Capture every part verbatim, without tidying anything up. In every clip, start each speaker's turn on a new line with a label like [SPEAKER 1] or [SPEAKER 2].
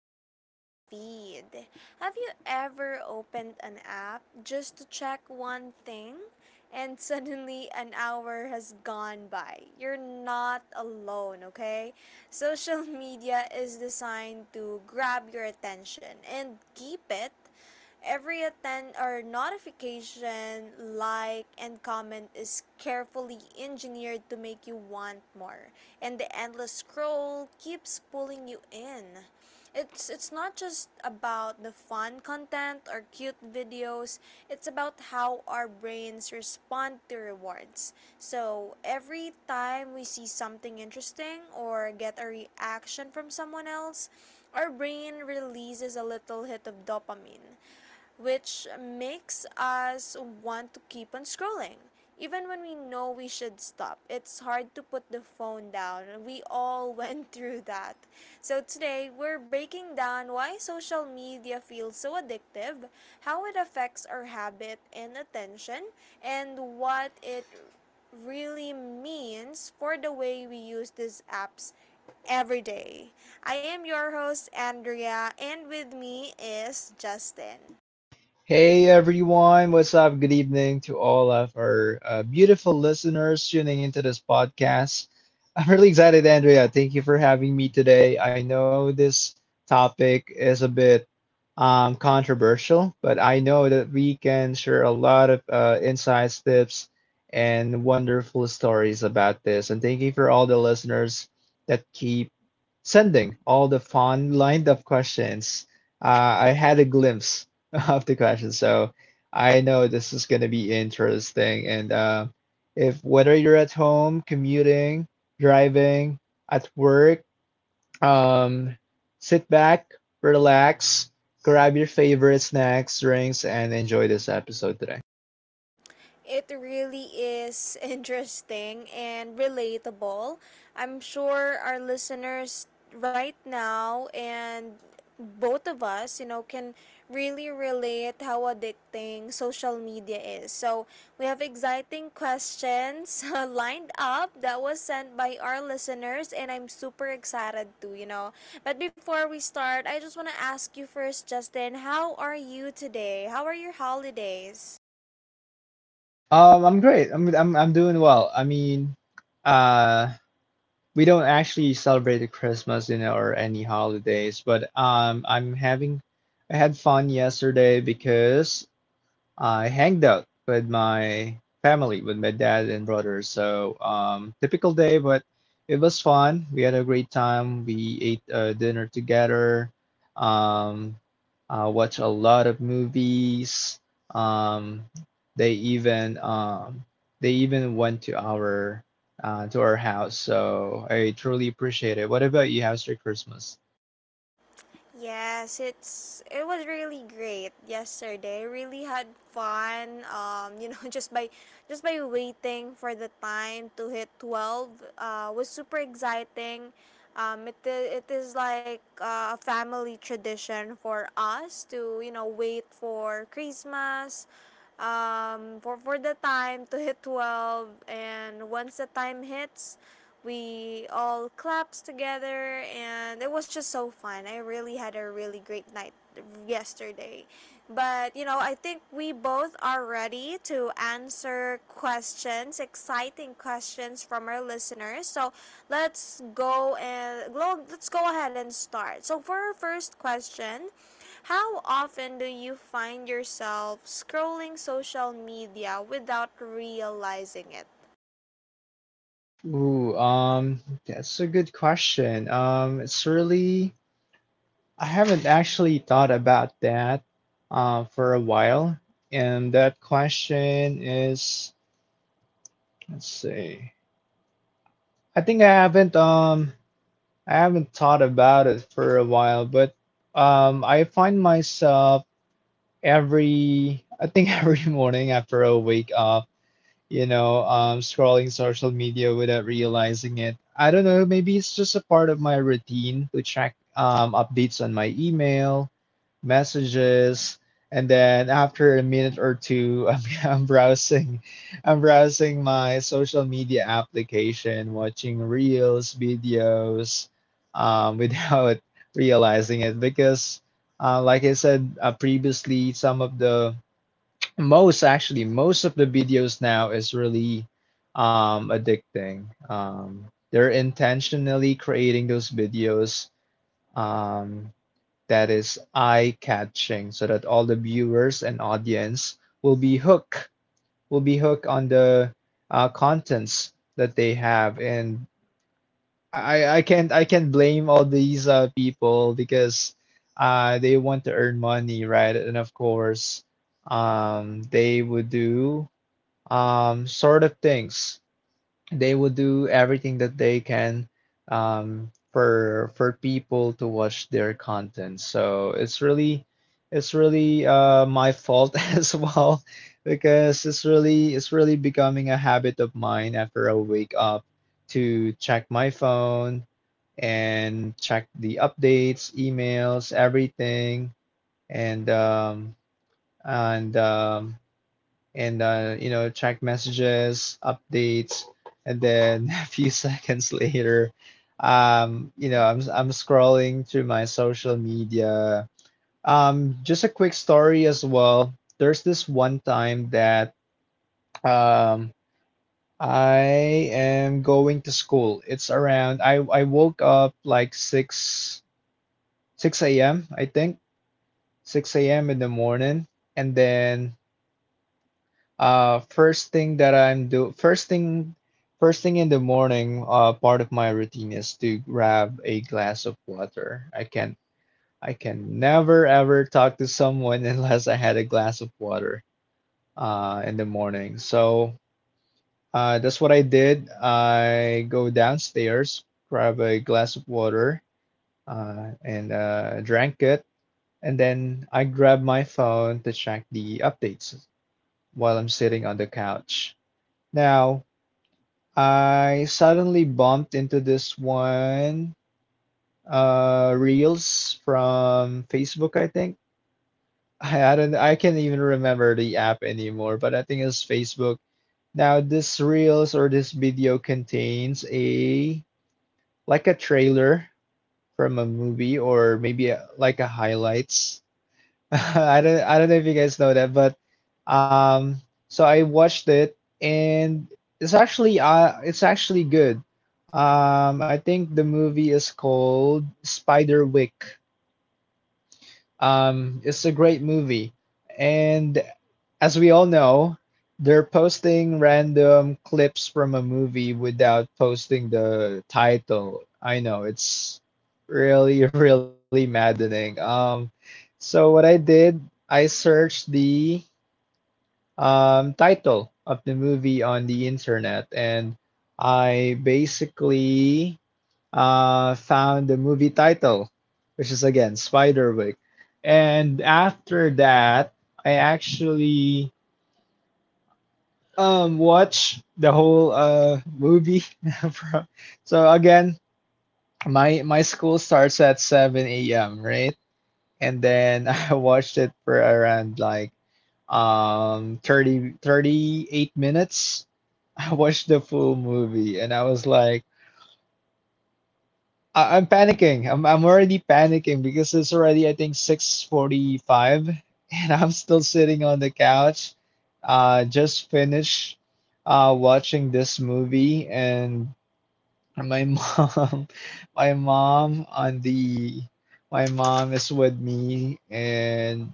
[SPEAKER 1] Endless Feed. Have you ever opened an app just to check one thing and suddenly an hour has gone by? You're not alone, okay? Social media is designed to grab your attention and keep it. Every attend or notification, like, and comment is carefully engineered to make you want more. And the endless scroll keeps pulling you in. It's it's not just about the fun content or cute videos. It's about how our brains respond to rewards. So every time we see something interesting or get a reaction from someone else, our brain releases a little hit of dopamine which makes us want to keep on scrolling. Even when we know we should stop, it's hard to put the phone down. We all went through that. So, today we're breaking down why social media feels so addictive, how it affects our habit and attention, and what it really means for the way we use these apps every day. I am your host, Andrea, and with me is Justin.
[SPEAKER 2] Hey everyone, what's up? Good evening to all of our uh, beautiful listeners tuning into this podcast. I'm really excited, Andrea. Thank you for having me today. I know this topic is a bit um, controversial, but I know that we can share a lot of uh, insights, tips, and wonderful stories about this. And thank you for all the listeners that keep sending all the fun lined up questions. Uh, I had a glimpse of the question. So I know this is going to be interesting. And uh, if whether you're at home, commuting, driving, at work, um, sit back, relax, grab your favorite snacks, drinks, and enjoy this episode today.
[SPEAKER 1] It really is interesting and relatable. I'm sure our listeners right now and both of us, you know, can really relate how addicting social media is. So, we have exciting questions lined up that was sent by our listeners, and I'm super excited too, you know. But before we start, I just want to ask you first, Justin, how are you today? How are your holidays?
[SPEAKER 2] Um, I'm great. I'm I'm I'm doing well. I mean, uh, we don't actually celebrate the Christmas, you know, or any holidays, but um, I'm having I had fun yesterday because I hanged out with my family, with my dad and brother. So, um, typical day, but it was fun. We had a great time. We ate uh, dinner together, um, uh, watched a lot of movies. Um, they even um, they even went to our uh, to our house. So I truly appreciate it. What about you? How's your Christmas?
[SPEAKER 1] Yes, it's it was really great yesterday. Really had fun. Um, you know, just by just by waiting for the time to hit twelve, uh, was super exciting. Um, it i- it is like uh, a family tradition for us to, you know wait for Christmas, um, for, for the time to hit twelve, and once the time hits, we all claps together, and it was just so fun. I really had a really great night yesterday. But you know I think we both are ready to answer questions, exciting questions from our listeners. So let's go and lo- let's go ahead and start. So for our first question, how often do you find yourself scrolling social media without realizing it?
[SPEAKER 2] Ooh, um, that's a good question. Um, it's really I haven't actually thought about that uh, for a while, and that question is, let's see. I think I haven't um I haven't thought about it for a while, but um I find myself every I think every morning after I wake up, you know, um scrolling social media without realizing it. I don't know, maybe it's just a part of my routine to check um updates on my email messages, and then after a minute or two I'm, I'm browsing i'm browsing my social media application watching reels videos um, without realizing it because uh, like I said uh, previously some of the most actually most of the videos now is really um, addicting. um, they're intentionally creating those videos um, that is eye catching so that all the viewers and audience will be hooked will be hooked on the uh, contents that they have. And I, I can't I can't blame all these uh, people because uh, they want to earn money, right? And of course, um, they would do um, sort of things they will do everything that they can um, for for people to watch their content. So it's really it's really uh, my fault as well because it's really it's really becoming a habit of mine after I wake up to check my phone and check the updates, emails, everything, and um, and um, and uh, you know, check messages, updates, and then a few seconds later, um, you know, I'm I'm scrolling through my social media. Um, just a quick story as well. There's this one time that um, I am going to school. It's around I I woke up like six six a m. I think six a m in the morning, and then Uh, first thing that I'm do first thing first thing in the morning, uh, part of my routine is to grab a glass of water. I can I can never ever talk to someone unless I had a glass of water uh in the morning. So uh that's what I did. I go downstairs, grab a glass of water, uh and uh drank it, and then I grab my phone to check the updates while I'm sitting on the couch. Now, I suddenly bumped into this one uh reels from Facebook, I think. I, I don't I can't even remember the app anymore, but I think it's Facebook. Now this reels or this video contains a like a trailer from a movie, or maybe a, like a highlights. I don't I don't know if you guys know that, but um, so I watched it, and it's actually uh it's actually good. Um, I think the movie is called Spiderwick. Um, it's a great movie. And as we all know, they're posting random clips from a movie without posting the title. I know it's really, really maddening. Um, so what I did, I searched the um, title of the movie on the internet, and I basically uh, found the movie title, which is again Spiderwick. And after that, I actually um watched the whole uh movie from- so again, my my school starts at seven a m, right? And then I watched it for around like um thirty thirty eight minutes. I watched the full movie, and I was like I- I'm panicking. I'm I'm already panicking because it's already I think six forty-five, and I'm still sitting on the couch. Uh just finished uh watching this movie, and my mom my mom on the my mom is with me, and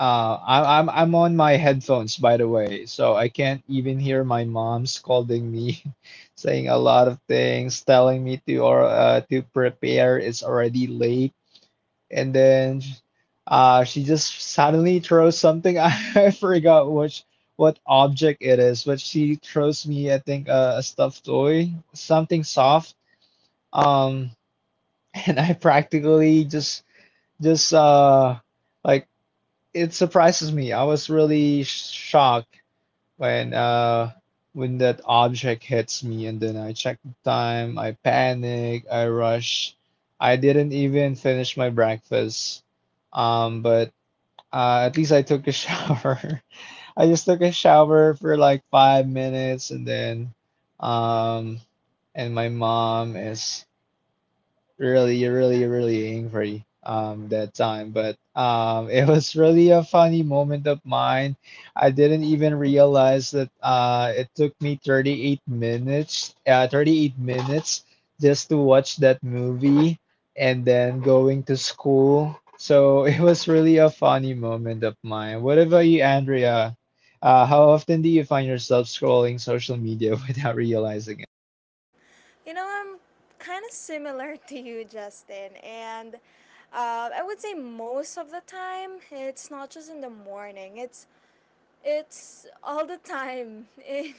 [SPEAKER 2] uh, I, I'm I'm on my headphones, by the way, so I can't even hear my mom scolding me, saying a lot of things, telling me to or uh, to prepare. It's already late, and then uh, she just suddenly throws something. I forgot which what object it is, but she throws me I think uh, a stuffed toy, something soft. Um, and I practically just just uh like it surprises me. I was really sh- shocked when uh when that object hits me, and then I check the time. I panic. I rush. I didn't even finish my breakfast. Um, but uh, at least I took a shower. I just took a shower for like five minutes, and then um, and my mom is really, really, really angry um that time. But um it was really a funny moment of mine. I didn't even realize that uh it took me thirty-eight minutes, uh thirty-eight minutes, just to watch that movie and then going to school. So it was really a funny moment of mine. What about you, Andrea? Uh, how often do you find yourself scrolling social media without realizing it?
[SPEAKER 1] You know, I'm kind of similar to you, Justin. And uh, I would say most of the time. It's not just in the morning, it's it's all the time. In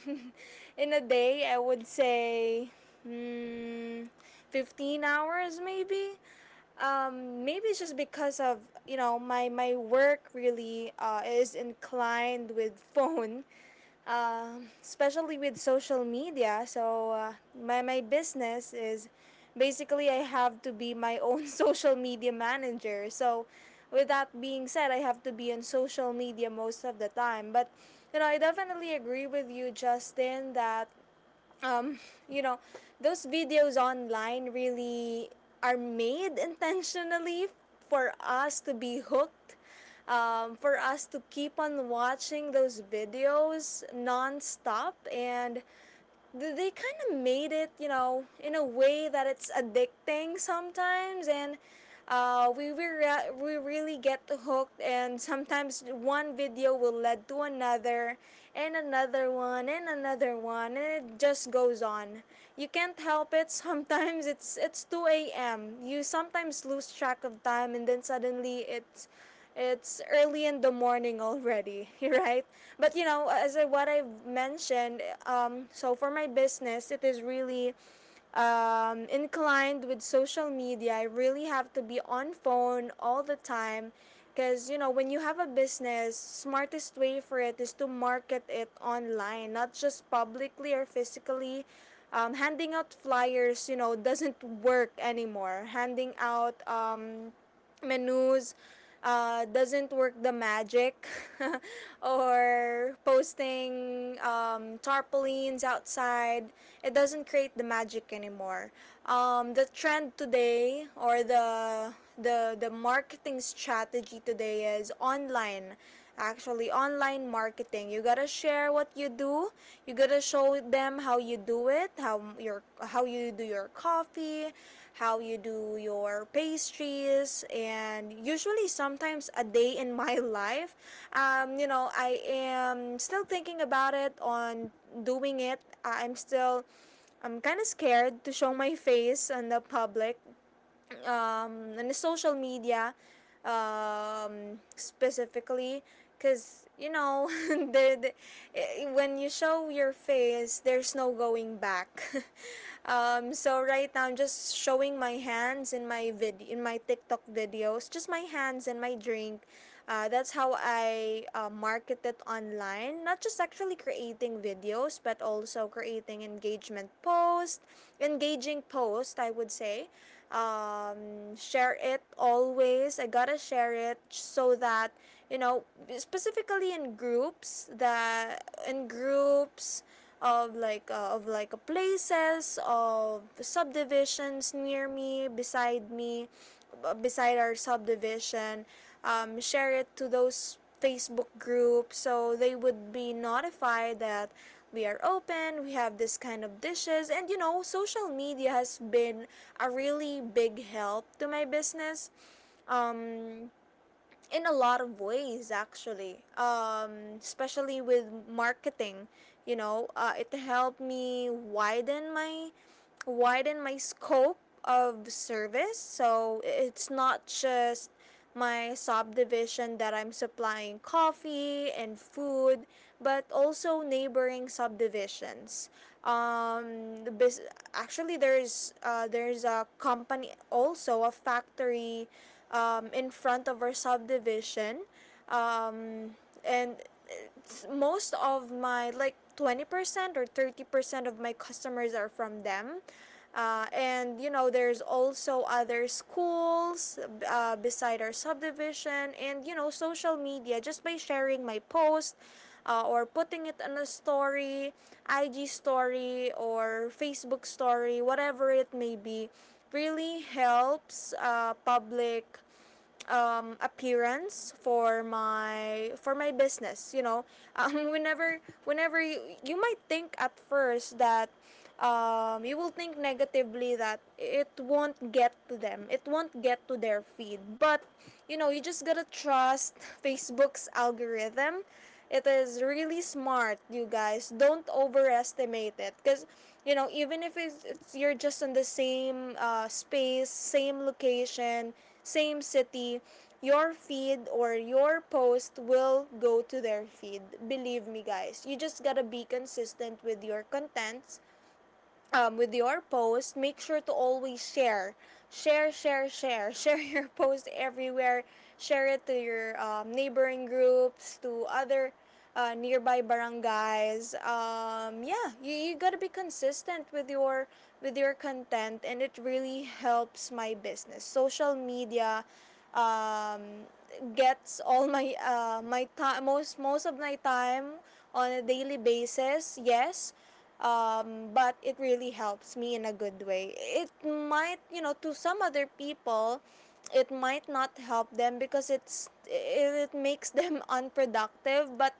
[SPEAKER 1] in a day, I would say, mm, fifteen hours maybe. Um, maybe it's just because of, you know, my my work really uh, is inclined with phone. Um, especially with social media. So uh, my my business is basically I have to be my own social media manager. So with that being said, I have to be on social media most of the time. But you know, I definitely agree with you, Justin, that um, you know, those videos online really are made intentionally for us to be hooked, um, for us to keep on watching those videos nonstop, and they kind of made it, you know, in a way that it's addicting sometimes. And uh, we we, re- we really get hooked, and sometimes one video will lead to another, and another one, and another one, and it just goes on. You can't help it. Sometimes it's it's two a m. You sometimes lose track of time, and then suddenly it's it's early in the morning already, right? But you know, as I, what I've mentioned, um, so for my business, it is really um, inclined with social media. I really have to be on phone all the time, because you know, when you have a business, smartest way for it is to market it online, not just publicly or physically. Um, handing out flyers, you know, doesn't work anymore. Handing out um, menus uh, doesn't work the magic, or posting um, tarpaulins outside, it doesn't create the magic anymore. Um, the trend today, or the the the marketing strategy today, is online, actually online marketing. You gotta share what you do. You gotta show them how you do it, how your how you do your coffee, how you do your pastries, and usually sometimes a day in my life. Um, you know, I am still thinking about it, on doing it. I'm still I'm kind of scared to show my face in the public, um, on the social media, um, specifically because, you know, the the, eh, when you show your face there's no going back. Um, so right now I'm just showing my hands in my vid in my TikTok videos, just my hands and my drink. Uh, that's how I uh, market it online. Not just actually creating videos, but also creating engagement post, engaging post I would say. Um, share it always. I gotta share it, so that, you know, specifically in groups that, in groups of like uh, of like uh, places, of subdivisions near me, beside me, uh, beside our subdivision. Um, share it to those Facebook groups so they would be notified that we are open, we have this kind of dishes. And you know, social media has been a really big help to my business. Um, in a lot of ways actually, um, especially with marketing. You know, uh, it helped me widen my, widen my scope of service. So it's not just my subdivision that I'm supplying coffee and food, but also neighboring subdivisions. Um, the bus- Actually, there's uh, there's a company, also a factory, um, in front of our subdivision. um, and most of my, like twenty percent or thirty percent of my customers are from them. Uh, and you know, there's also other schools uh, beside our subdivision. And you know, social media, just by sharing my post, uh, or putting it on a story, IG story or Facebook story, whatever it may be, really helps uh, public um, appearance for my for my business, you know. um, whenever whenever you, you might think at first that um, you will think negatively that it won't get to them, it won't get to their feed. But you know, you just gotta trust Facebook's algorithm. It is really smart, you guys. Don't overestimate it. Because, you know, even if it's, it's, you're just in the same uh, space, same location, same city, your feed or your post will go to their feed. Believe me, guys. You just gotta be consistent with your contents, um, with your post, make sure to always share. Share, share, share. Share your post everywhere. Share it to your um, neighboring groups, to other uh, nearby barangays. Um, yeah, you, you gotta be consistent with your, with your content, and it really helps my business. Social media um, gets all my uh, my time, most most of my time, on a daily basis, yes. Um, but it really helps me in a good way. It might, you know, to some other people, it might not help them because it's it, it makes them unproductive. But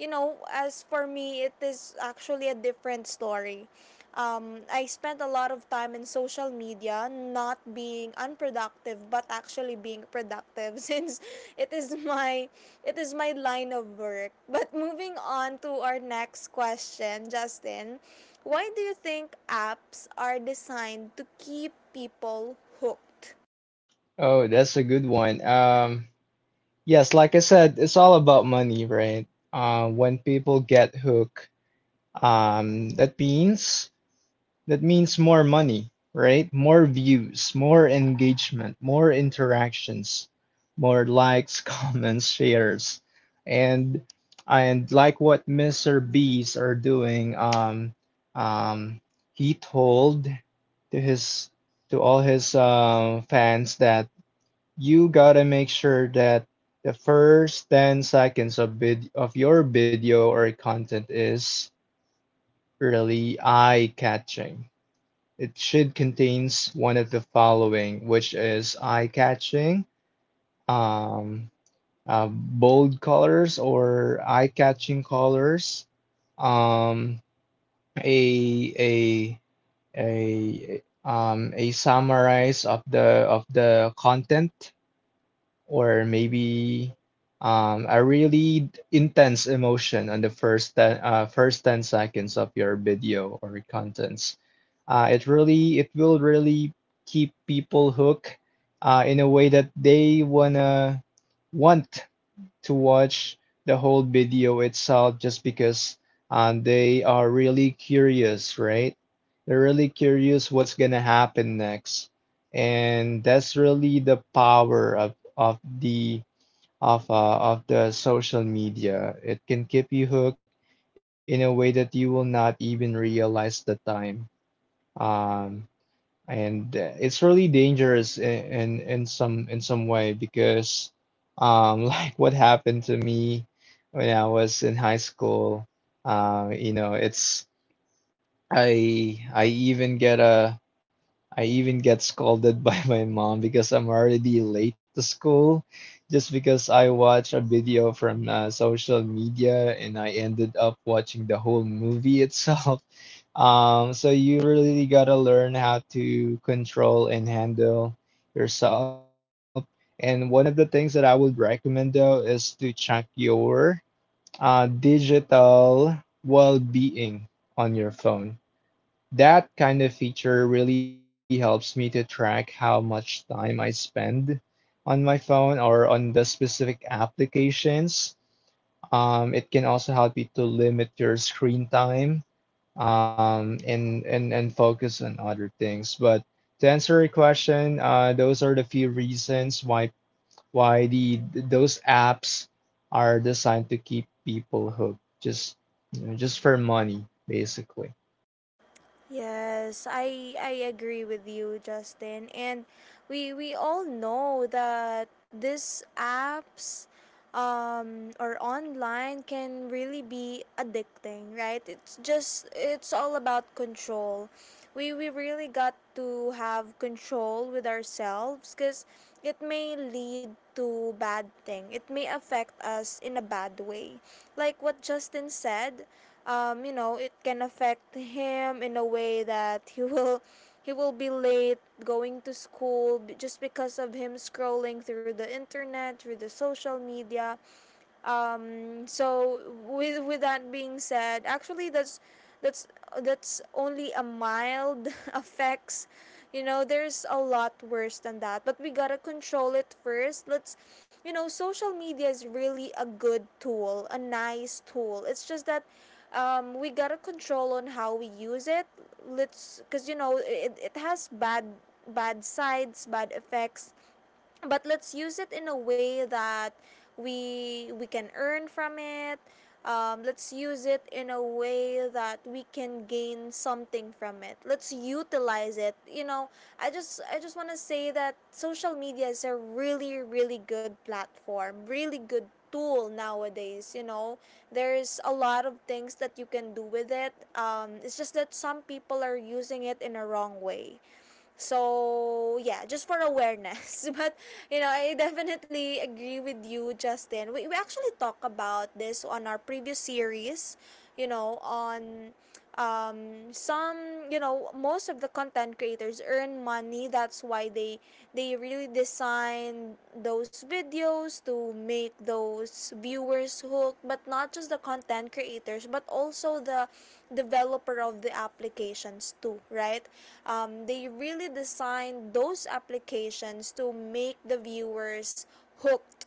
[SPEAKER 1] you know, as for me, it is actually a different story. Um, I spent a lot of time in social media, not being unproductive, but actually being productive since it is my it is my line of work. But moving on to our next question, Justin, why do you think apps are designed to keep people hooked?
[SPEAKER 2] Oh, that's a good one. Um, Yes, like I said, it's all about money, right? Uh, when people get hooked, um, that means that means more money, right? More views, more engagement, more interactions, more likes, comments, shares, and and like what Mister Beast are doing. Um, um, he told to his to all his uh, fans that you gotta make sure that the first ten seconds of vid of your video or content is really eye-catching. It should contains one of the following, which is eye-catching, um, uh, bold colors or eye-catching colors, um, a a a um, a summarize of the of the content, or maybe um, a really intense emotion on the first ten, uh, first ten seconds of your video or contents. Uh, it really it will really keep people hooked uh, in a way that they wanna want to watch the whole video itself just because um, they are really curious, right? They're really curious what's gonna happen next. And that's really the power of of the of uh, of the social media. It can keep you hooked in a way that you will not even realize the time. Um, and uh, it's really dangerous in, in in some in some way because um like what happened to me when I was in high school. uh you know, it's I I even get a I even get scolded by my mom because I'm already late to school just because I watched a video from uh, social media, and I ended up watching the whole movie itself. Um, so you really gotta learn how to control and handle yourself. And one of the things that I would recommend though is to check your uh, digital well-being on your phone. That kind of feature really helps me to track how much time I spend on my phone or on the specific applications. Um, it can also help you to limit your screen time, um, and, and, and focus on other things. But to answer your question, uh, those are the few reasons why why the those apps are designed to keep people hooked, just you know, just for money, basically.
[SPEAKER 1] Yes, I I agree with you, Justin. And we we all know that these apps um or online can really be addicting, right? It's just, it's all about control. We we really got to have control with ourselves, cuz it may lead to bad thing. It may affect us in a bad way. Like what Justin said, um, you know, it can affect him in a way that he will he will be late going to school, just because of him scrolling through the internet, through the social media. Um so with with that being said, actually that's that's that's only a mild effects. You know, there's a lot worse than that, but we gotta control it first. Let's you know, social media is really a good tool, a nice tool. It's just that, um, we gotta control on how we use it. Let's because you know, it, it has bad, bad sides, bad effects. But let's use it in a way that we we can earn from it. Um, let's use it in a way that we can gain something from it. Let's utilize it, you know. i just I just want to say that social media is a really, really good platform, really good tool nowadays. You know, there's a lot of things that you can do with it. Um, it's just that some people are using it in a wrong way. So yeah, just for awareness. But you know, I definitely agree with you, Justin. We we actually talk about this on our previous series, you know, on um some, you know, most of the content creators earn money, that's why they they really actually design those videos to make those viewers hooked, but not just the content creators but also the developer of the applications too, right? Um, they really design those applications to make the viewers hooked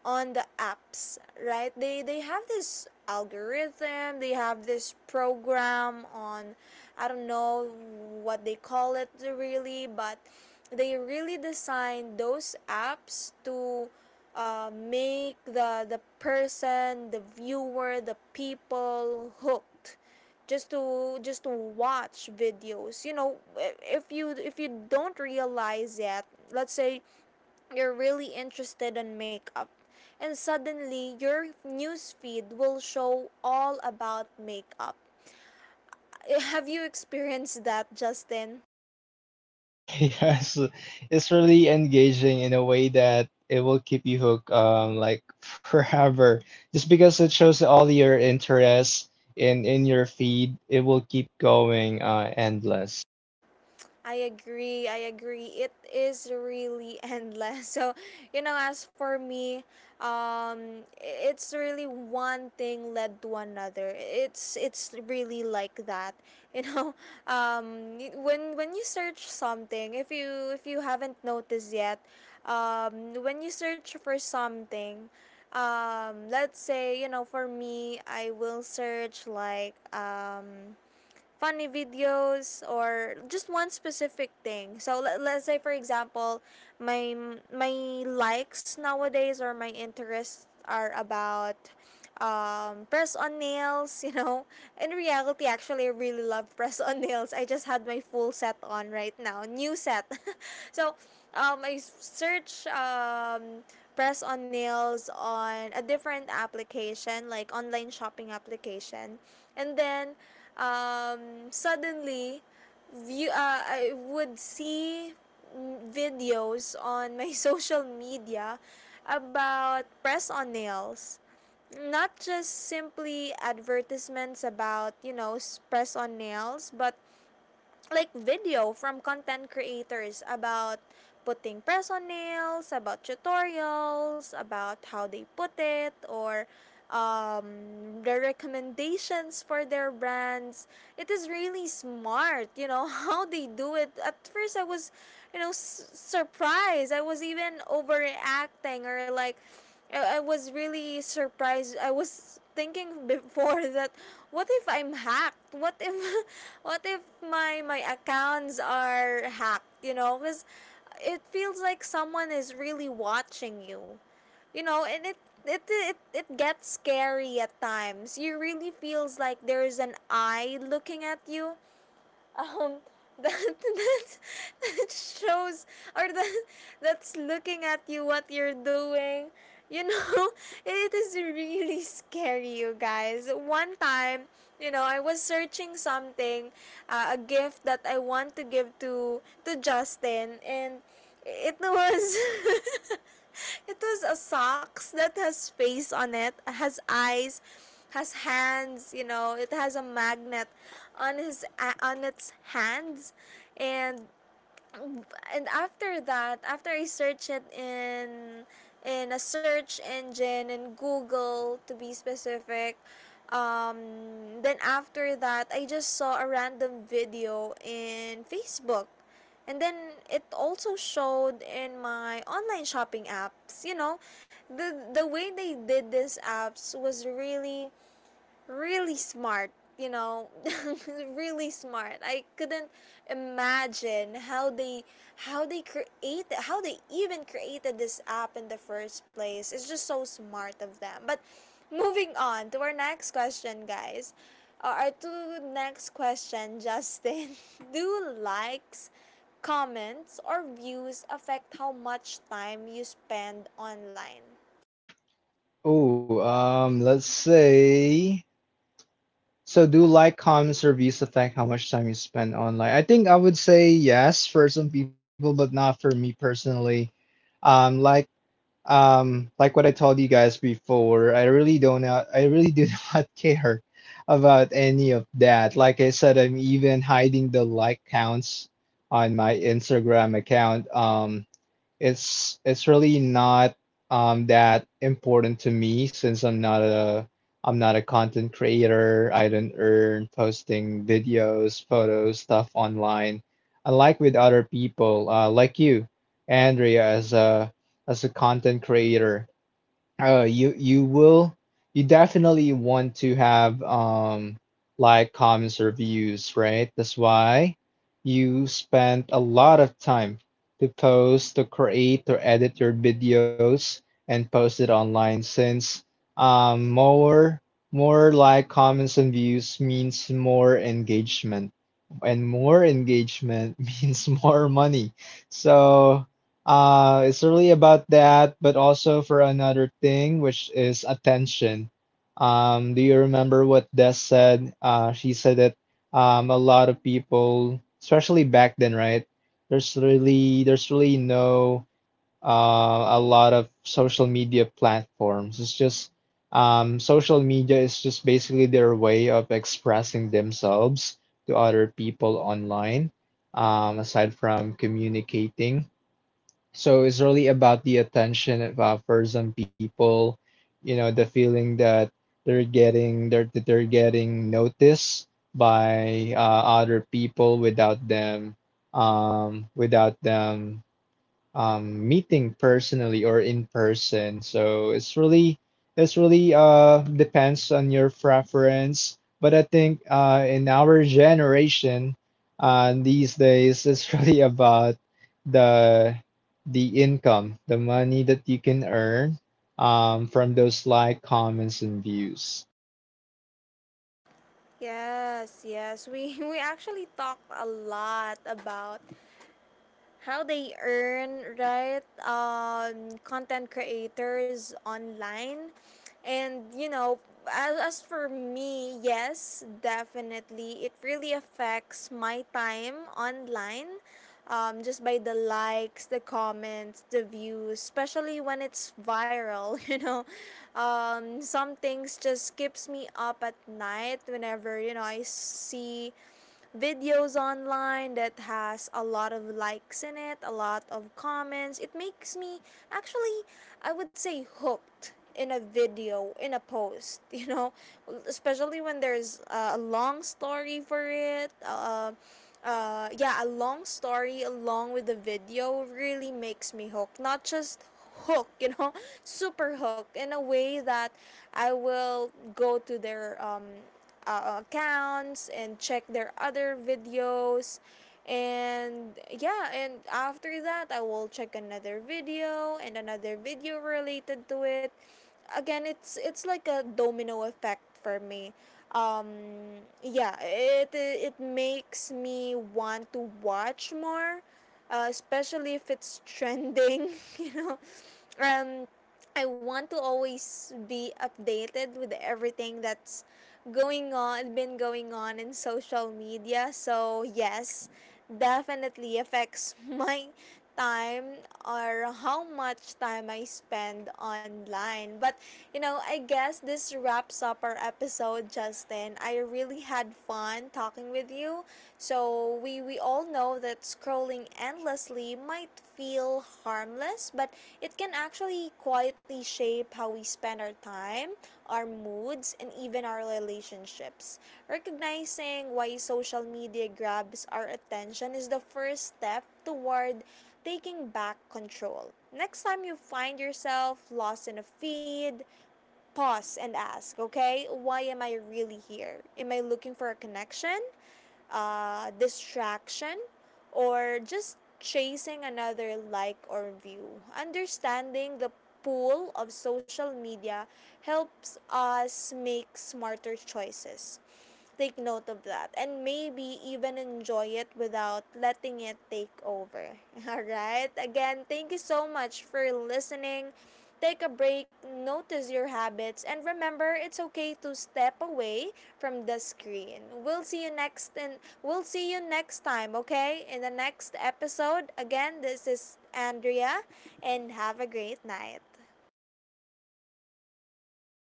[SPEAKER 1] on the apps, right? They they have this algorithm, they have this program on, I don't know what they call it really, but they really designed those apps to uh, make the the person, the viewer, the people hooked, just to just to watch videos you know if you if you don't realize that, let's say you're really interested in makeup, and suddenly your news feed will show all about makeup. Have you experienced that, Justin?
[SPEAKER 2] Yes, it's really engaging in a way that it will keep you hooked, um, like forever. Just because it shows all your interests in in your feed, it will keep going, uh, endless.
[SPEAKER 1] I agree. I agree. It is really endless. So, you know, as for me, um, i- it's really one thing led to another. It's it's really like that. You know, um, y- when when you search something, if you if you haven't noticed yet, um, when you search for something, um, let's say, you know, for me, I will search like um funny videos or just one specific thing. So let, let's say, for example, my my likes nowadays or my interests are about, um, press on nails, you know. In reality, actually, I really love press on nails. I just had my full set on right now, new set. So, um, I search, um, press on nails on a different application, like online shopping application, and then, um, suddenly view, uh, I would see, mm, videos on my social media about press on nails, not just simply advertisements about, you know, press on nails, but like video from content creators about putting press on nails, about tutorials, about how they put it, or, um, the recommendations for their brands. It is really smart, you know, how they do it. At first, I was, you know, s- surprised. I was even overreacting, or like, I, I was really surprised. I was thinking before that, what if I'm hacked? What if what if my my accounts are hacked, you know? Cuz it feels like someone is really watching you. You know, and it it, it it gets scary at times. You really feels like there is an eye looking at you, um, that that that shows, or that that's looking at you, what you're doing. You know, it is really scary, you guys. One time, you know, I was searching something, uh, a gift that I want to give to to Justin, and it was it was a socks that has face on it, has eyes, has hands. You know, it has a magnet on his on its hands, and and after that, after I search it in in a search engine, and Google to be specific, um, then after that I just saw a random video in Facebook, and then it also showed in my online shopping apps. You know, the the way they did these apps was really really smart, you know, really smart. I couldn't imagine how they how they created, how they even created this app in the first place. It's just so smart of them. But moving on to our next question, guys. Uh, our two next question, Justin. Do likes, comments or views affect how much time you spend online?
[SPEAKER 2] Oh, um, let's say. So, do like, comments, reviews affect how much time you spend online? I think I would say yes for some people, but not for me personally. Um, like Um, like what I told you guys before, I really don't know, I really do not care about any of that. Like I said, I'm even hiding the like counts on my Instagram account. Um, it's it's really not um that important to me since I'm not a I'm not a content creator. I don't earn posting videos, photos, stuff online. Unlike with other people, uh, like you, Andrea, as a as a content creator. Uh, you you will you definitely want to have um like comments or views, right? That's why you spent a lot of time to post, to create, or edit your videos and post it online since um more more like comments and views means more engagement, and more engagement means more money. So uh, it's really about that, but also for another thing, which is attention. Um, do you remember what Des said? Uh, she said that um, a lot of people, especially back then, right? There's really there's really no uh, a lot of social media platforms. It's just um, social media is just basically their way of expressing themselves to other people online, um, aside from communicating. So it's really about the attention of, uh, for some people, you know, the feeling that they're getting they're, that they're getting noticed by uh, other people without them um, without them um, meeting personally or in person. So it's really it's really uh, depends on your preference. But I think uh, in our generation uh, these days, it's really about the the income, the money that you can earn um, from those like comments and views.
[SPEAKER 1] Yes, yes. We we actually talked a lot about how they earn, right? Um, content creators online. And you know, as, as for me, yes, definitely, it really affects my time online. Um, just by the likes, the comments, the views, especially when it's viral. You know, um, some things just keeps me up at night, whenever, you know, I see videos online that has a lot of likes in it, a lot of comments. It makes me, actually, I would say, hooked in a video, in a post. You know, especially when there's uh, a long story for it. Uh, uh, yeah, a long story along with the video really makes me hooked. Not just hook, you know, super hook in a way that I will go to their, um, uh, accounts and check their other videos. And yeah, and after that, I will check another video and another video related to it. Again, it's it's like a domino effect for me. um yeah, it it makes me want to watch more, uh, especially if it's trending. You know, um I want to always be updated with everything that's going on, been going on in social media. So, yes, definitely affects my time, or how much time I spend online. But, you know, I guess this wraps up our episode, Justin. I really really had fun talking with you. So we we all know that scrolling endlessly might feel harmless, but it can actually quietly shape how we spend our time, our moods, and even our relationships. Recognizing why social media grabs our attention is the first step toward taking back control. Next time you find yourself lost in a feed, pause and ask, okay, why am I really here? Am I looking for a connection, uh, distraction, or just chasing another like or view? Understanding the pool of social media helps us make smarter choices, take note of that, and maybe even enjoy it without letting it take over. All right? Again, thank you so much for listening. Take a break, notice your habits, and remember, it's okay to step away from the screen. We'll see you next and we'll see you next time, okay? In the next episode. Again, this is Andrea, and have a great night.